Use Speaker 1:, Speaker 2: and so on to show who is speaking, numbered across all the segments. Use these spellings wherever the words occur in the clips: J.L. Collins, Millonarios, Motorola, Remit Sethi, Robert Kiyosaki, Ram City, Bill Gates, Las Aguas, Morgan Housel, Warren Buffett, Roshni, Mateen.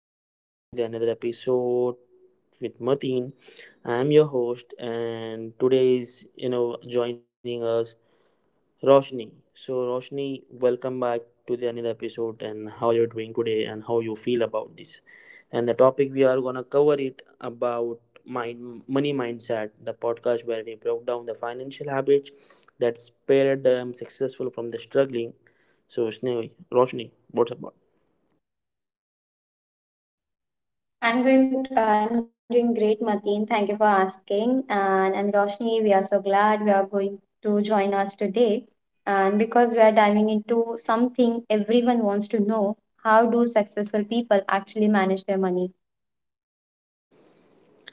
Speaker 1: welcome back to the another episode with Mateen. I'm your host and today is you know joining us Roshni. Roshni, welcome back to the another episode and how you're doing today and how you feel about this. And the topic we are gonna cover it about mind money mindset, the podcast where we broke down the financial habits that spared them successful from the struggling. So Roshni, what's about?
Speaker 2: I'm going. I'm doing great, Mateen. Thank you for asking. And I'm Roshni. We are so glad we are going to join us today. And because we are diving into something everyone wants to know, how do successful people actually manage their money?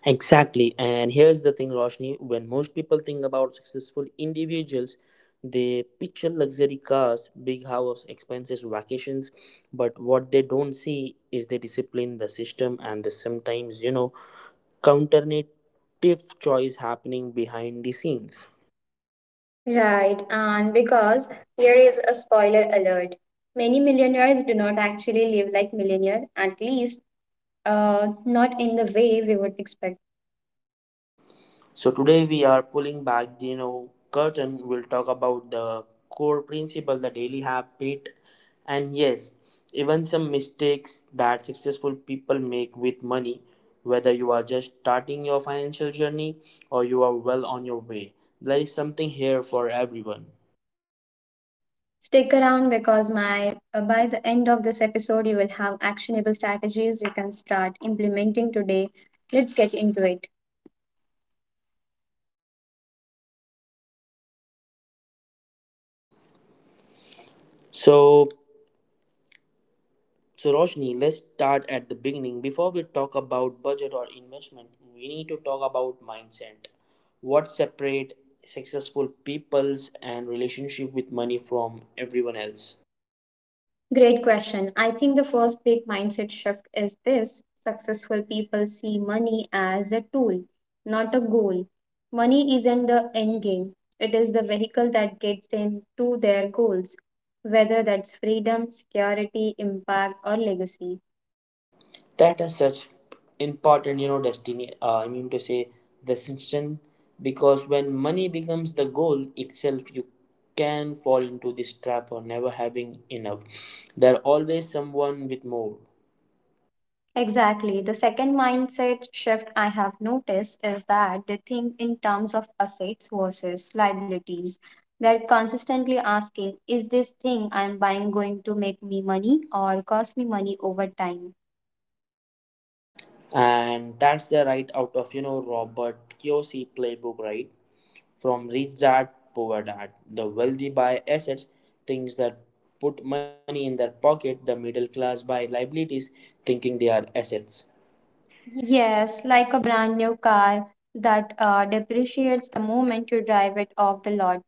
Speaker 1: Exactly. And here's the thing, Roshni, when most people think about successful individuals, they picture luxury cars, big house, expenses, vacations. But what they don't see is the discipline, the system, and the sometimes, counterintuitive choice happening behind the scenes.
Speaker 2: Right. And because here is a spoiler alert. Many millionaires do not actually live like millionaire, at least not in the way we would expect.
Speaker 1: So today we are pulling back the curtain. We'll talk about the core principle, the daily habit, and yes, even some mistakes that successful people make with money. Whether you are just starting your financial journey or you are well on your way, there is something here for everyone.
Speaker 2: Stick around because my by the end of this episode you will have actionable strategies you can start implementing today. Let's get into it.
Speaker 1: So So Roshni, let's start at the beginning. Before we talk about budget or investment, we need to talk about mindset. What separate successful people's and relationship with money from everyone else?
Speaker 2: Great question. I think the first big mindset shift is this. Successful people see money as a tool, not a goal. Money isn't the end game. It is the vehicle that gets them to their goals, whether that's freedom, security, impact or legacy.
Speaker 1: That is such important, you know, destiny. I mean to say distinction, because when money becomes the goal itself, you can fall into this trap of never having enough. There are always someone with more.
Speaker 2: Exactly. The second mindset shift I have noticed is that they think in terms of assets versus liabilities. They're consistently asking, is this thing I'm buying going to make me money or cost me money over time?
Speaker 1: And that's the right out of Robert Kiyosaki playbook, right? From Rich Dad, Poor Dad, the wealthy buy assets, things that put money in their pocket. The middle class buy liabilities, thinking they are assets.
Speaker 2: Yes, like a brand new car that depreciates the moment you drive it off the lot.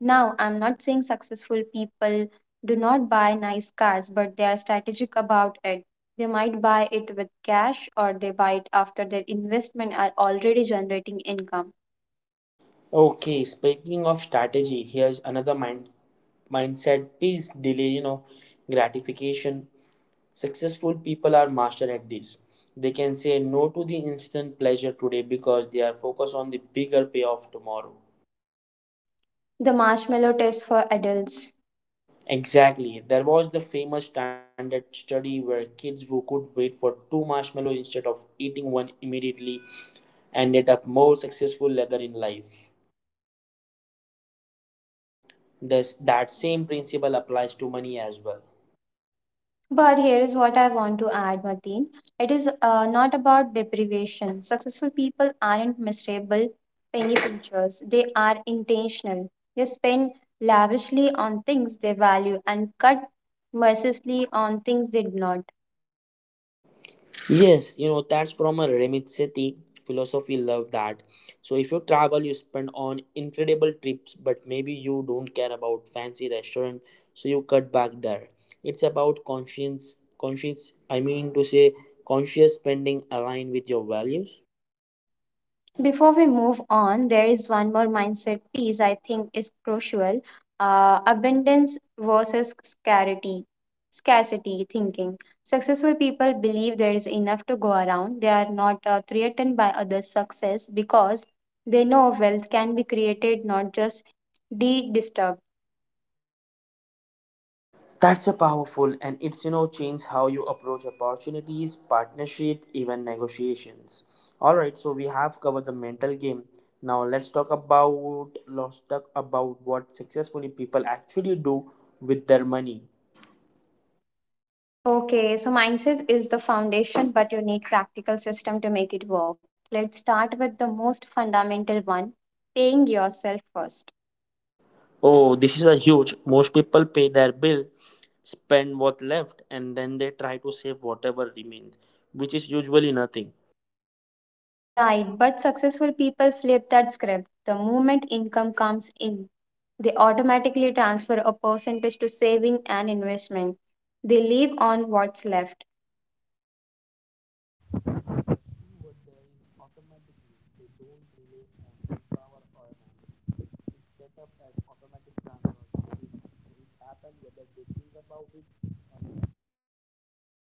Speaker 2: Now, I'm not saying successful people do not buy nice cars, but they are strategic about it. They might buy it with cash or they buy it after their investment are already generating income.
Speaker 1: Okay, speaking of strategy, here's another mindset piece: delay, gratification. Successful people are master at this. They can say no to the instant pleasure today because they are focused on the bigger payoff tomorrow.
Speaker 2: The marshmallow test for adults.
Speaker 1: Exactly. There was the famous standard study where kids who could wait for two marshmallows instead of eating one immediately ended up more successful later in life. That same principle applies to money as well.
Speaker 2: But here is what I want to add, Mateen. It is not about deprivation. Successful people aren't miserable, penny pinchers. They are intentional. They spend lavishly on things they value and cut mercilessly on things they do not.
Speaker 1: Yes, that's from a Remit Sethi philosophy. Love that. So, if you travel, you spend on incredible trips, but maybe you don't care about fancy restaurant, so you cut back there. It's about conscience, conscience, I mean to say, conscious spending aligned with your values.
Speaker 2: Before we move on, there is one more mindset piece I think is crucial abundance versus scarcity. Scarcity thinking. Successful people believe there is enough to go around. They are not threatened by others' success because they know wealth can be created, not just de disturbed.
Speaker 1: That's a powerful and it's change how you approach opportunities, partnership, even negotiations. Alright, so we have covered the mental game. Now let's talk about what successfully people actually do with their money.
Speaker 2: Okay, so mindset is the foundation, but you need practical system to make it work. Let's start with the most fundamental one paying yourself first.
Speaker 1: Oh, this is a huge. Most people pay their bill, spend what left, and then they try to save whatever remains, which is usually nothing.
Speaker 2: Right, but successful people flip that script. The moment income comes in, they automatically transfer a percentage to saving and investment. They leave on what's left.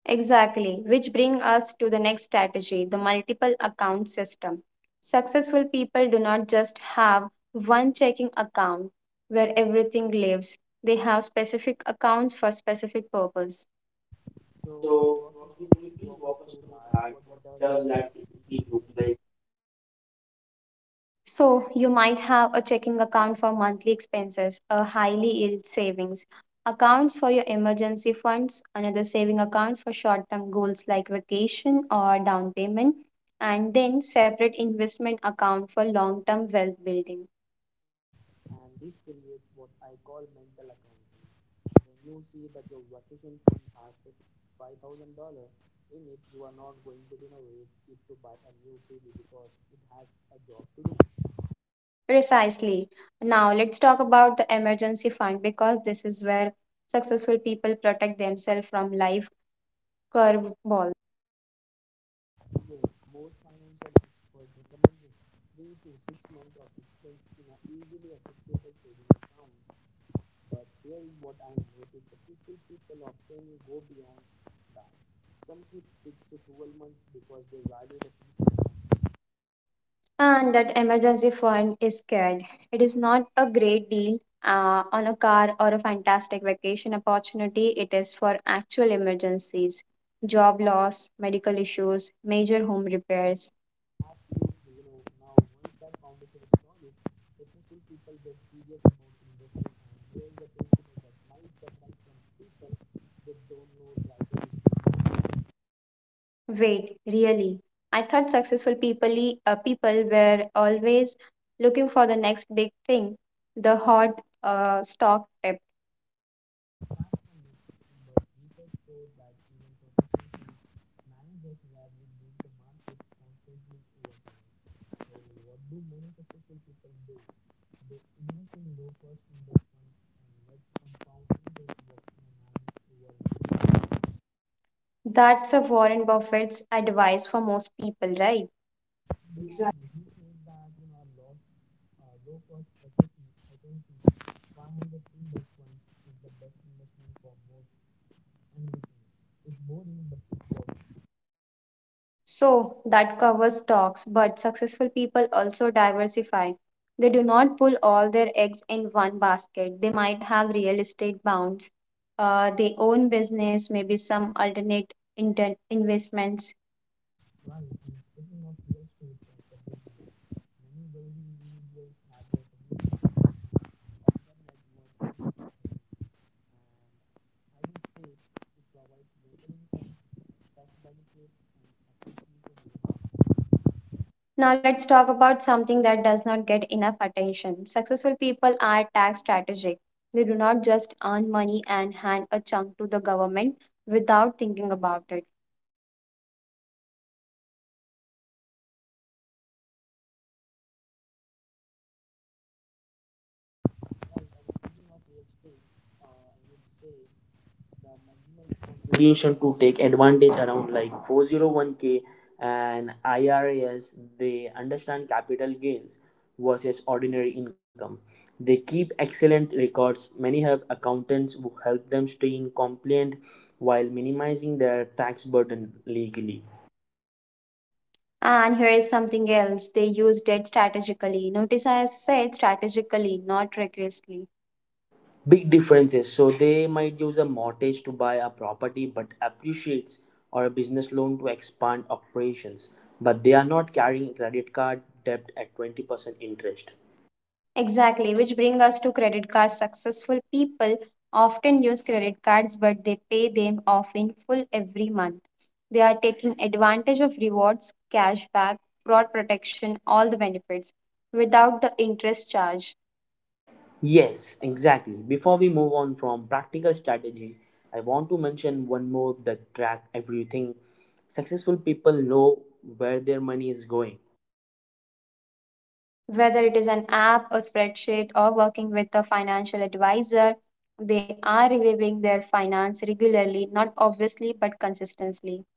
Speaker 2: Exactly, which brings us to the next strategy the multiple account system. Successful people do not just have one checking account where everything lives, they have specific accounts for specific purpose.
Speaker 1: So
Speaker 2: So,
Speaker 1: Roshni, could
Speaker 2: Roshni,
Speaker 1: you
Speaker 2: could you
Speaker 1: please
Speaker 2: please
Speaker 1: walk us
Speaker 2: walk us
Speaker 1: through
Speaker 2: through
Speaker 1: that?
Speaker 2: that?
Speaker 1: What
Speaker 2: What
Speaker 1: does that
Speaker 2: does that
Speaker 1: actually look
Speaker 2: typically look
Speaker 1: like?
Speaker 2: like? So, you might have a checking account for monthly expenses, a highly yield savings, accounts for your emergency funds, another saving accounts for short term goals like vacation or down payment, and then separate investment account for long term wealth building.
Speaker 1: In the you see that your vacation fund has $5,000 in it, you are not going to renovate it to buy a new TV because it has a job to do.
Speaker 2: Precisely. Now, let's talk about the emergency fund because this is where successful people protect themselves from life curveballs. And that emergency fund is scared. It is not a great deal on a car or a fantastic vacation opportunity. It is for actual emergencies job loss, medical issues, major home repairs. Wait, really? I thought people were always looking for the next big thing, the hot stock tip. That's a Warren Buffett's advice for most people, right? So that covers stocks, but successful people also diversify. They do not pull all their eggs in one basket. They might have real estate bonds. They own business, maybe some investments. Now let's talk about something that does not get enough attention. Successful people are tax strategic. They do not just earn money and hand a chunk to the government without thinking about it.
Speaker 1: Solution to take advantage around like 401k and IRAs, they understand capital gains versus ordinary income. They keep excellent records. Many have accountants who help them stay in compliant while minimizing their tax burden legally.
Speaker 2: And here is something else. They used it strategically. Notice I said strategically, not recklessly.
Speaker 1: Big differences. So they might use a mortgage to buy a property but appreciates or a business loan to expand operations. But they are not carrying a credit card debt at 20% interest.
Speaker 2: Exactly, which brings us to credit cards. Successful people often use credit cards, but they pay them off in full every month. They are taking advantage of rewards, cashback, fraud protection, all the benefits without the interest charge.
Speaker 1: Yes, exactly. Before we move on from practical strategy, I want to mention one more that track everything. Successful people know where their money is going.
Speaker 2: Whether it is an app, a spreadsheet, or working with a financial advisor, they are reviewing their finance regularly, not obviously, but consistently.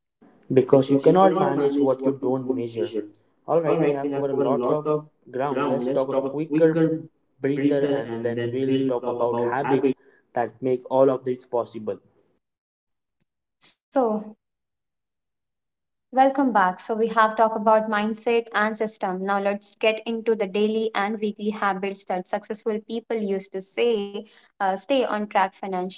Speaker 1: Because you
Speaker 2: Because you
Speaker 1: cannot
Speaker 2: cannot
Speaker 1: manage
Speaker 2: manage
Speaker 1: what you
Speaker 2: what you
Speaker 1: don't
Speaker 2: don't
Speaker 1: measure.
Speaker 2: measure.
Speaker 1: All right,
Speaker 2: All
Speaker 1: we
Speaker 2: right,
Speaker 1: have
Speaker 2: we
Speaker 1: covered a
Speaker 2: have covered a
Speaker 1: lot
Speaker 2: lot
Speaker 1: of
Speaker 2: of
Speaker 1: ground. Let's
Speaker 2: ground.
Speaker 1: talk
Speaker 2: Let's
Speaker 1: a
Speaker 2: talk a
Speaker 1: quicker
Speaker 2: quicker
Speaker 1: breather
Speaker 2: breather
Speaker 1: and
Speaker 2: and
Speaker 1: then
Speaker 2: then
Speaker 1: we'll
Speaker 2: we'll
Speaker 1: talk
Speaker 2: talk
Speaker 1: about
Speaker 2: about
Speaker 1: habits
Speaker 2: habit.
Speaker 1: that make all of this possible.
Speaker 2: So, welcome back. So, we have talked about mindset and system. Now, let's get into the daily and weekly habits that successful people use to say stay on track financially.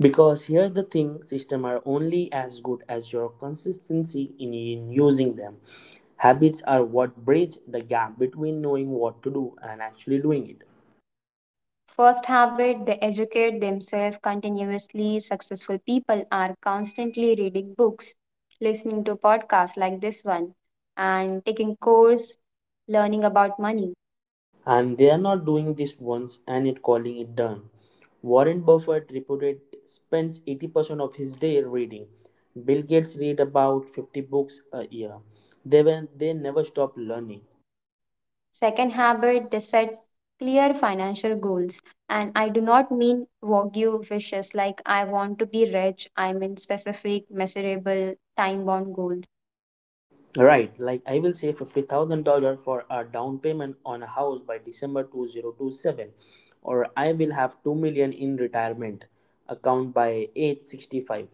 Speaker 1: Because here the thing system are only as good as your consistency in using them. Habits are what bridge the gap between knowing what to do and actually doing it.
Speaker 2: First habit, they educate themselves continuously. Successful people are constantly reading books, listening to podcasts like this one, and taking course, learning about money.
Speaker 1: And they are not doing this once and it calling it done. Warren Buffett reported spends 80% of his day reading. Bill Gates read about 50 books a year. They never stop learning.
Speaker 2: Second habit, they set clear financial goals. And I do not mean Wagyu wishes like I want to be rich. I mean specific, measurable, time bound goals.
Speaker 1: Right, like I will save $50,000 for a down payment on a house by December 2027 or I will have 2 million in retirement account by age 65.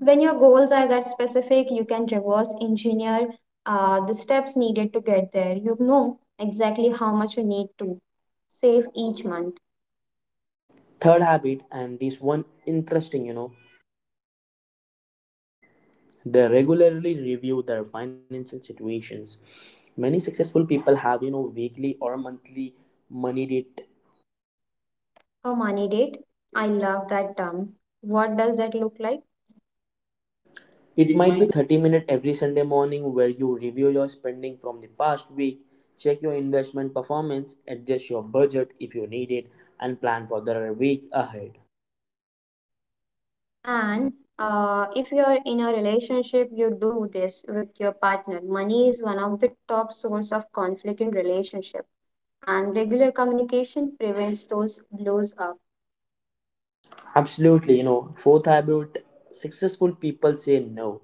Speaker 2: When your goals are that specific, you can reverse engineer the steps needed to get there. You know exactly how much you need to save each month.
Speaker 1: Third habit and this one interesting, they regularly review their financial situations. Many successful people have weekly or monthly money date.
Speaker 2: A money date. I love that term. What does that look like?
Speaker 1: It
Speaker 2: It
Speaker 1: might be
Speaker 2: might.
Speaker 1: 30 minutes every Sunday morning where you review your spending from the past week, check your investment performance, adjust your budget if you need it, and plan for the week ahead.
Speaker 2: And if you're in a relationship, you do this with your partner. Money is one of the top source of conflict in relationship, and regular communication prevents those blows up.
Speaker 1: Absolutely. Fourth habit, successful people say no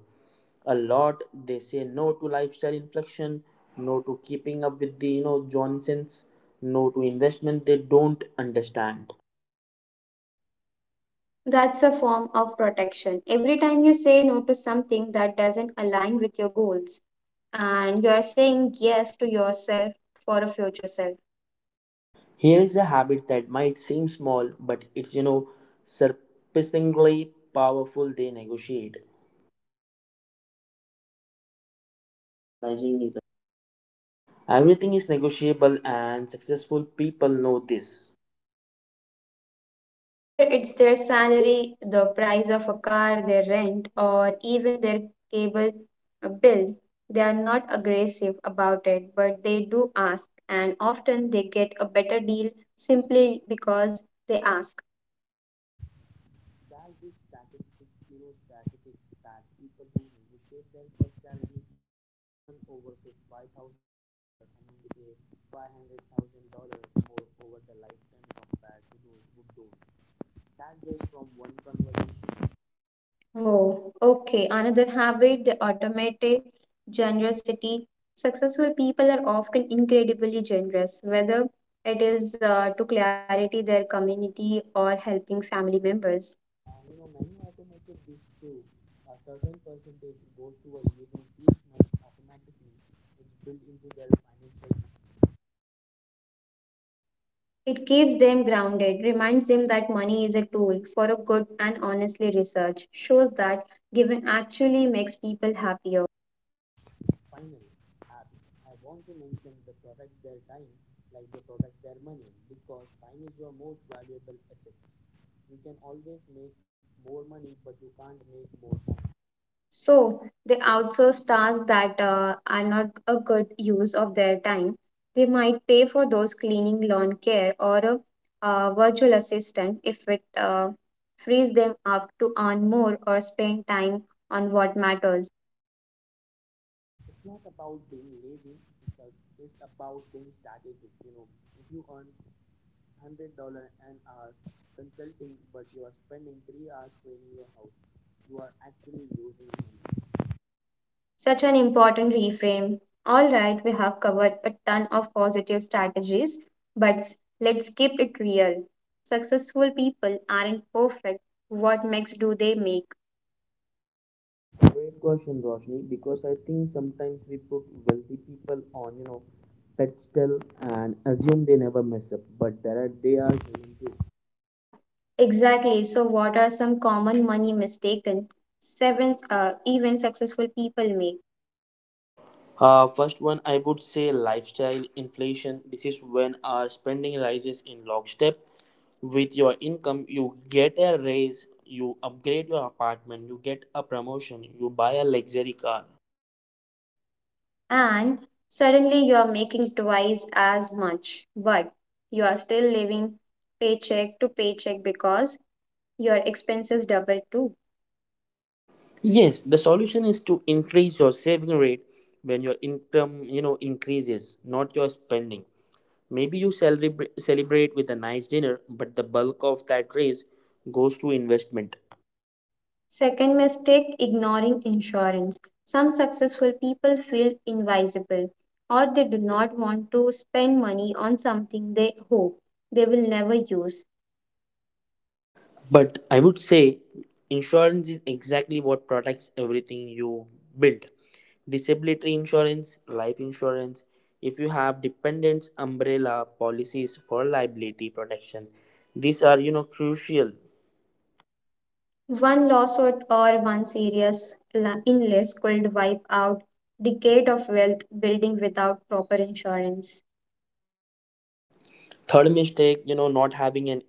Speaker 1: a lot. They say no to lifestyle inflection, no to keeping up with the Johnsons, no to investment they don't understand.
Speaker 2: That's a form of protection. Every time you say no to something that doesn't align with your goals, and you are saying yes to yourself for a future self.
Speaker 1: Here is a habit that might seem small, but it's surprisingly powerful. They negotiate. Everything is negotiable, and successful people know this.
Speaker 2: Whether it's their salary, the price of a car, their rent, or even their cable bill, they are not aggressive about it, but they do ask, and often they get a better deal simply because they ask. Whoa, okay. Another habit, the automated generosity. Successful people are often incredibly generous, whether it is to clarity their community or helping family members. It keeps them grounded, reminds them that money is a tool for a good and honestly research, shows that giving actually makes people happier.
Speaker 1: Like the product their money because time is your most valuable asset. You can always make more money, but you can't make more time.
Speaker 2: So they outsource tasks that are not a good use of their time. They might pay for those cleaning, lawn care, or a virtual assistant if it frees them up to earn more or spend time on what matters.
Speaker 1: It's not about being lazy. It's, a, it's about being strategic. If you earn $100 an hour consulting, but you are spending 3 hours cleaning your house, you are actually losing money.
Speaker 2: Such an important reframe. All right, we have covered a ton of positive strategies, but let's keep it real. Successful people aren't perfect. What makes do they make?
Speaker 1: Great question, Roshni, because I think sometimes we put wealthy people on, pedestal and assume they never mess up, but there are they are human too.
Speaker 2: Exactly. So, what are some common money mistaken seven even successful people make?
Speaker 1: First one, I would say lifestyle inflation. This is when our spending rises in lockstep with your income. You get a raise, you upgrade your apartment, you get a promotion, you buy a luxury car.
Speaker 2: And suddenly you are making twice as much, but you are still living paycheck to paycheck because your expenses double too.
Speaker 1: Yes, the solution is to increase your saving rate when your income, increases, not your spending. Maybe you celebrate with a nice dinner, but the bulk of that raise goes to investment.
Speaker 2: Second mistake, ignoring insurance. Some successful people feel invisible or they do not want to spend money on something they hope they will never use.
Speaker 1: But I would say insurance is exactly what protects everything you build. Disability insurance, life insurance. If you have dependents, umbrella policies for liability protection. These are, crucial.
Speaker 2: One lawsuit or one illness could wipe out decade of wealth building without proper insurance.
Speaker 1: Third mistake, not having an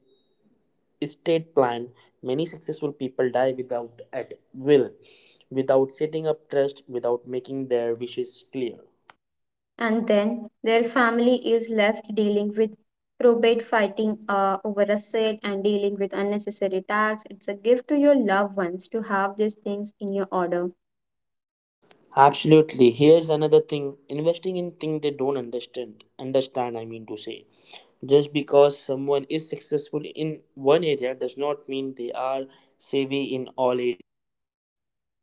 Speaker 1: estate plan. Many successful people die without at will, without setting up trust, without making their wishes clear.
Speaker 2: And then their family is left dealing with probate fighting over a sale and dealing with unnecessary tax. It's a gift to your loved ones to have these things in your order.
Speaker 1: Absolutely. Here's another thing investing in things they don't understand. Understand, I mean to say. Just because someone is successful in one area does not mean they are savvy in all areas.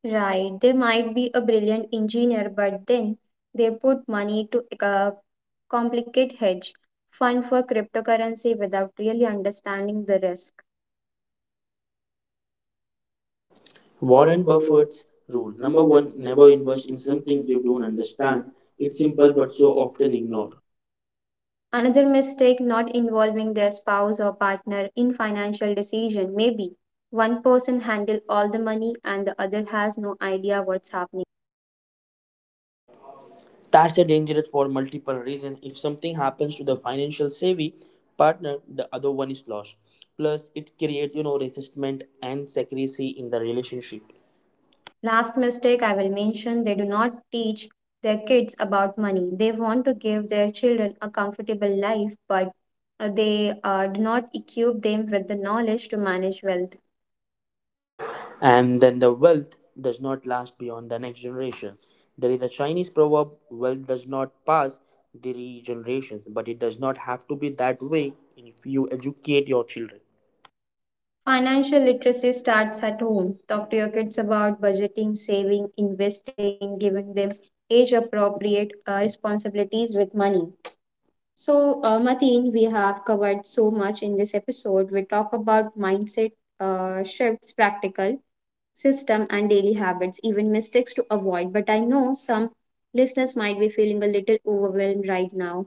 Speaker 2: Right, they might be a brilliant engineer, but then they put money to a complicate hedge fund for cryptocurrency without really understanding the risk. Warren
Speaker 1: Warren
Speaker 2: Buffett's
Speaker 1: Buffett's
Speaker 2: rule
Speaker 1: rule
Speaker 2: number
Speaker 1: number
Speaker 2: one
Speaker 1: one,
Speaker 2: never
Speaker 1: never
Speaker 2: invest
Speaker 1: invest
Speaker 2: in
Speaker 1: in
Speaker 2: something
Speaker 1: something
Speaker 2: you
Speaker 1: you don't
Speaker 2: don't understand.
Speaker 1: understand.
Speaker 2: It's
Speaker 1: It's
Speaker 2: simple
Speaker 1: simple
Speaker 2: but
Speaker 1: but
Speaker 2: so
Speaker 1: so
Speaker 2: often
Speaker 1: often
Speaker 2: ignored.
Speaker 1: ignored.
Speaker 2: Another mistake not involving their spouse or partner in financial decision. Maybe one person handle all the money and the other has no idea what's happening.
Speaker 1: That's a dangerous for multiple reasons. If something happens to the financial savvy partner, the other one is lost. Plus, it creates, resentment and secrecy in the relationship.
Speaker 2: Last mistake I will mention they do not teach their kids about money. They want to give their children a comfortable life, but they do not equip them with the knowledge to manage wealth.
Speaker 1: And then the wealth does not last beyond the next generation. There is a Chinese proverb wealth does not pass the generations, but it does not have to be that way if you educate your children.
Speaker 2: Financial literacy starts at home. Talk to your kids about budgeting, saving, investing, giving them age appropriate responsibilities with money. So, Mateen, we have covered so much in this episode. We talk about mindset shifts, practical system and daily habits, even mistakes to avoid. But I know some listeners might be feeling a little overwhelmed right now.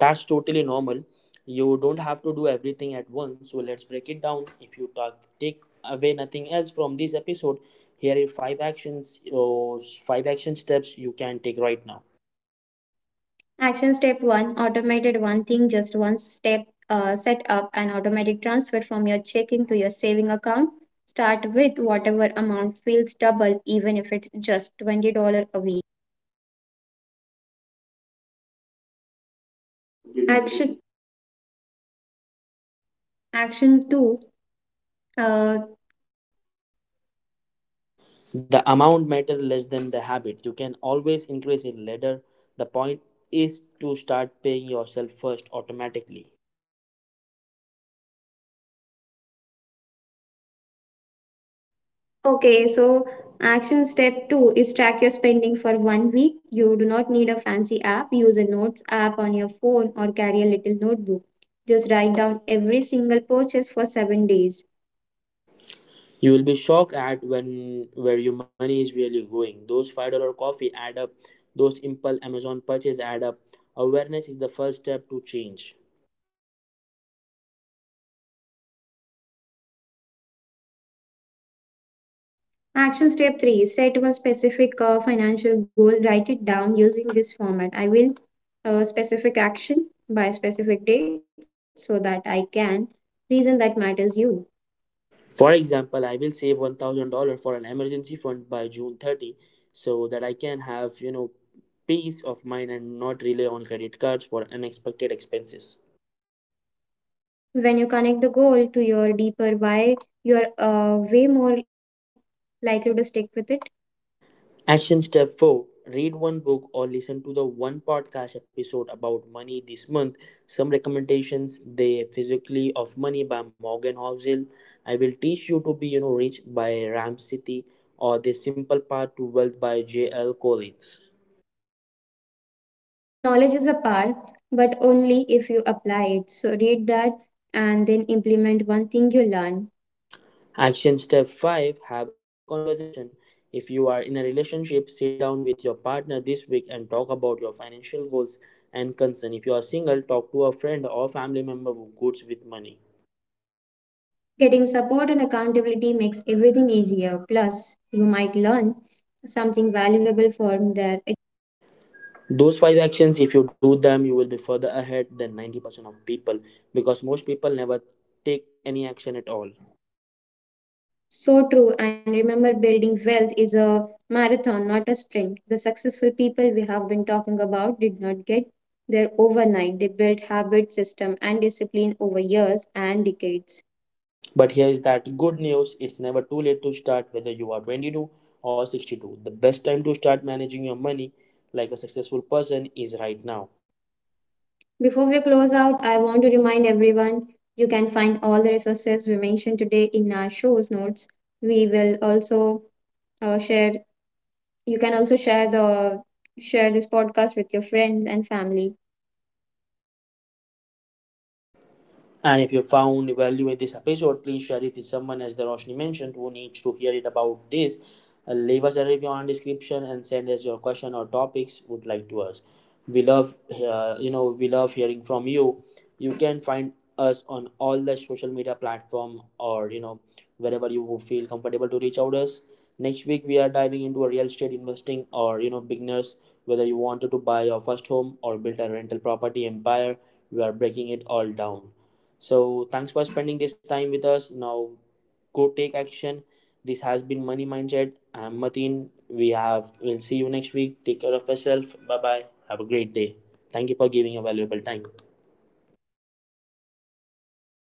Speaker 1: That's totally normal. You don't have to do everything at once, so let's break it down. If you talk, take away nothing else from this episode, here are five action steps you can take right now.
Speaker 2: Action step one automated one thing, just one step. Set up an automatic transfer from your checking to your saving account. Start with whatever amount feels double, even if it's just $20 a week. Action action two, uh,
Speaker 1: The amount matter less than the habit. You can always increase it later. The point is to start paying yourself first automatically.
Speaker 2: Okay, so action step two is track your spending for one week. You do not need a fancy app. Use a notes app on your phone or carry a little notebook. Just write down every single purchase for 7 days.
Speaker 1: You will be shocked at when where your money is really going. Those $5 coffee add up. Those impulse Amazon purchase add up. Awareness is the first step to change.
Speaker 2: Action step three set a specific financial goal. Write it down using this format. I will specific action by specific date so that I can reason that matters you.
Speaker 1: For example, I will save $1,000 for an emergency fund by June 30, so that I can have peace of mind and not rely on credit cards for unexpected expenses.
Speaker 2: When you connect the goal to your deeper why, you are way more likely to stick with it.
Speaker 1: Action step 4, read one book or listen to the one podcast episode about money this month. Some recommendations: The Physically of Money by Morgan Housel. I will teach you to be rich by Ram City or The Simple Path to Wealth by J.L. Collins.
Speaker 2: Knowledge is a power, but only if you apply it. So read that and then implement one thing you learn.
Speaker 1: Action step 5, have a money conversation. If you are in a relationship, sit down with your partner this week and talk about your financial goals and concern. If you are single, talk to a friend or family member who goes with money.
Speaker 2: Getting support and accountability makes everything easier. Plus, you might learn something valuable from there.
Speaker 1: Those five actions, if you do them you will be further ahead than 90% of people because most people never take any action at all.
Speaker 2: So true. And remember, building wealth is a marathon, not a sprint. The successful people we have been talking about did not get there overnight. They built habit, system, and discipline over years and decades.
Speaker 1: But here is that good news, it's never too late to start whether you are 22 or 62, the best time to start managing your money like a successful person is right now.
Speaker 2: Before we close out, I want to remind everyone you can find all the resources we mentioned today in our show's notes. We will also share. You can also share the share this podcast with your friends and family.
Speaker 1: And if you found value in this episode, please share it with someone, as the Roshni mentioned, who needs to hear it about this. Leave us a review on description and send us your question or topics would like to us. We love, we love hearing from you. You can find us on all the social media platform or wherever you feel comfortable to reach out us. Next week we are diving into a real estate investing or beginners whether you wanted to buy your first home or build a rental property empire. We are breaking it all down. So thanks for spending this time with us. Now go take action. This has been Money Mindset. I'm Mateen. We'll see you next week. Take care of yourself. Bye bye. Have a great day. Thank you for giving a valuable time.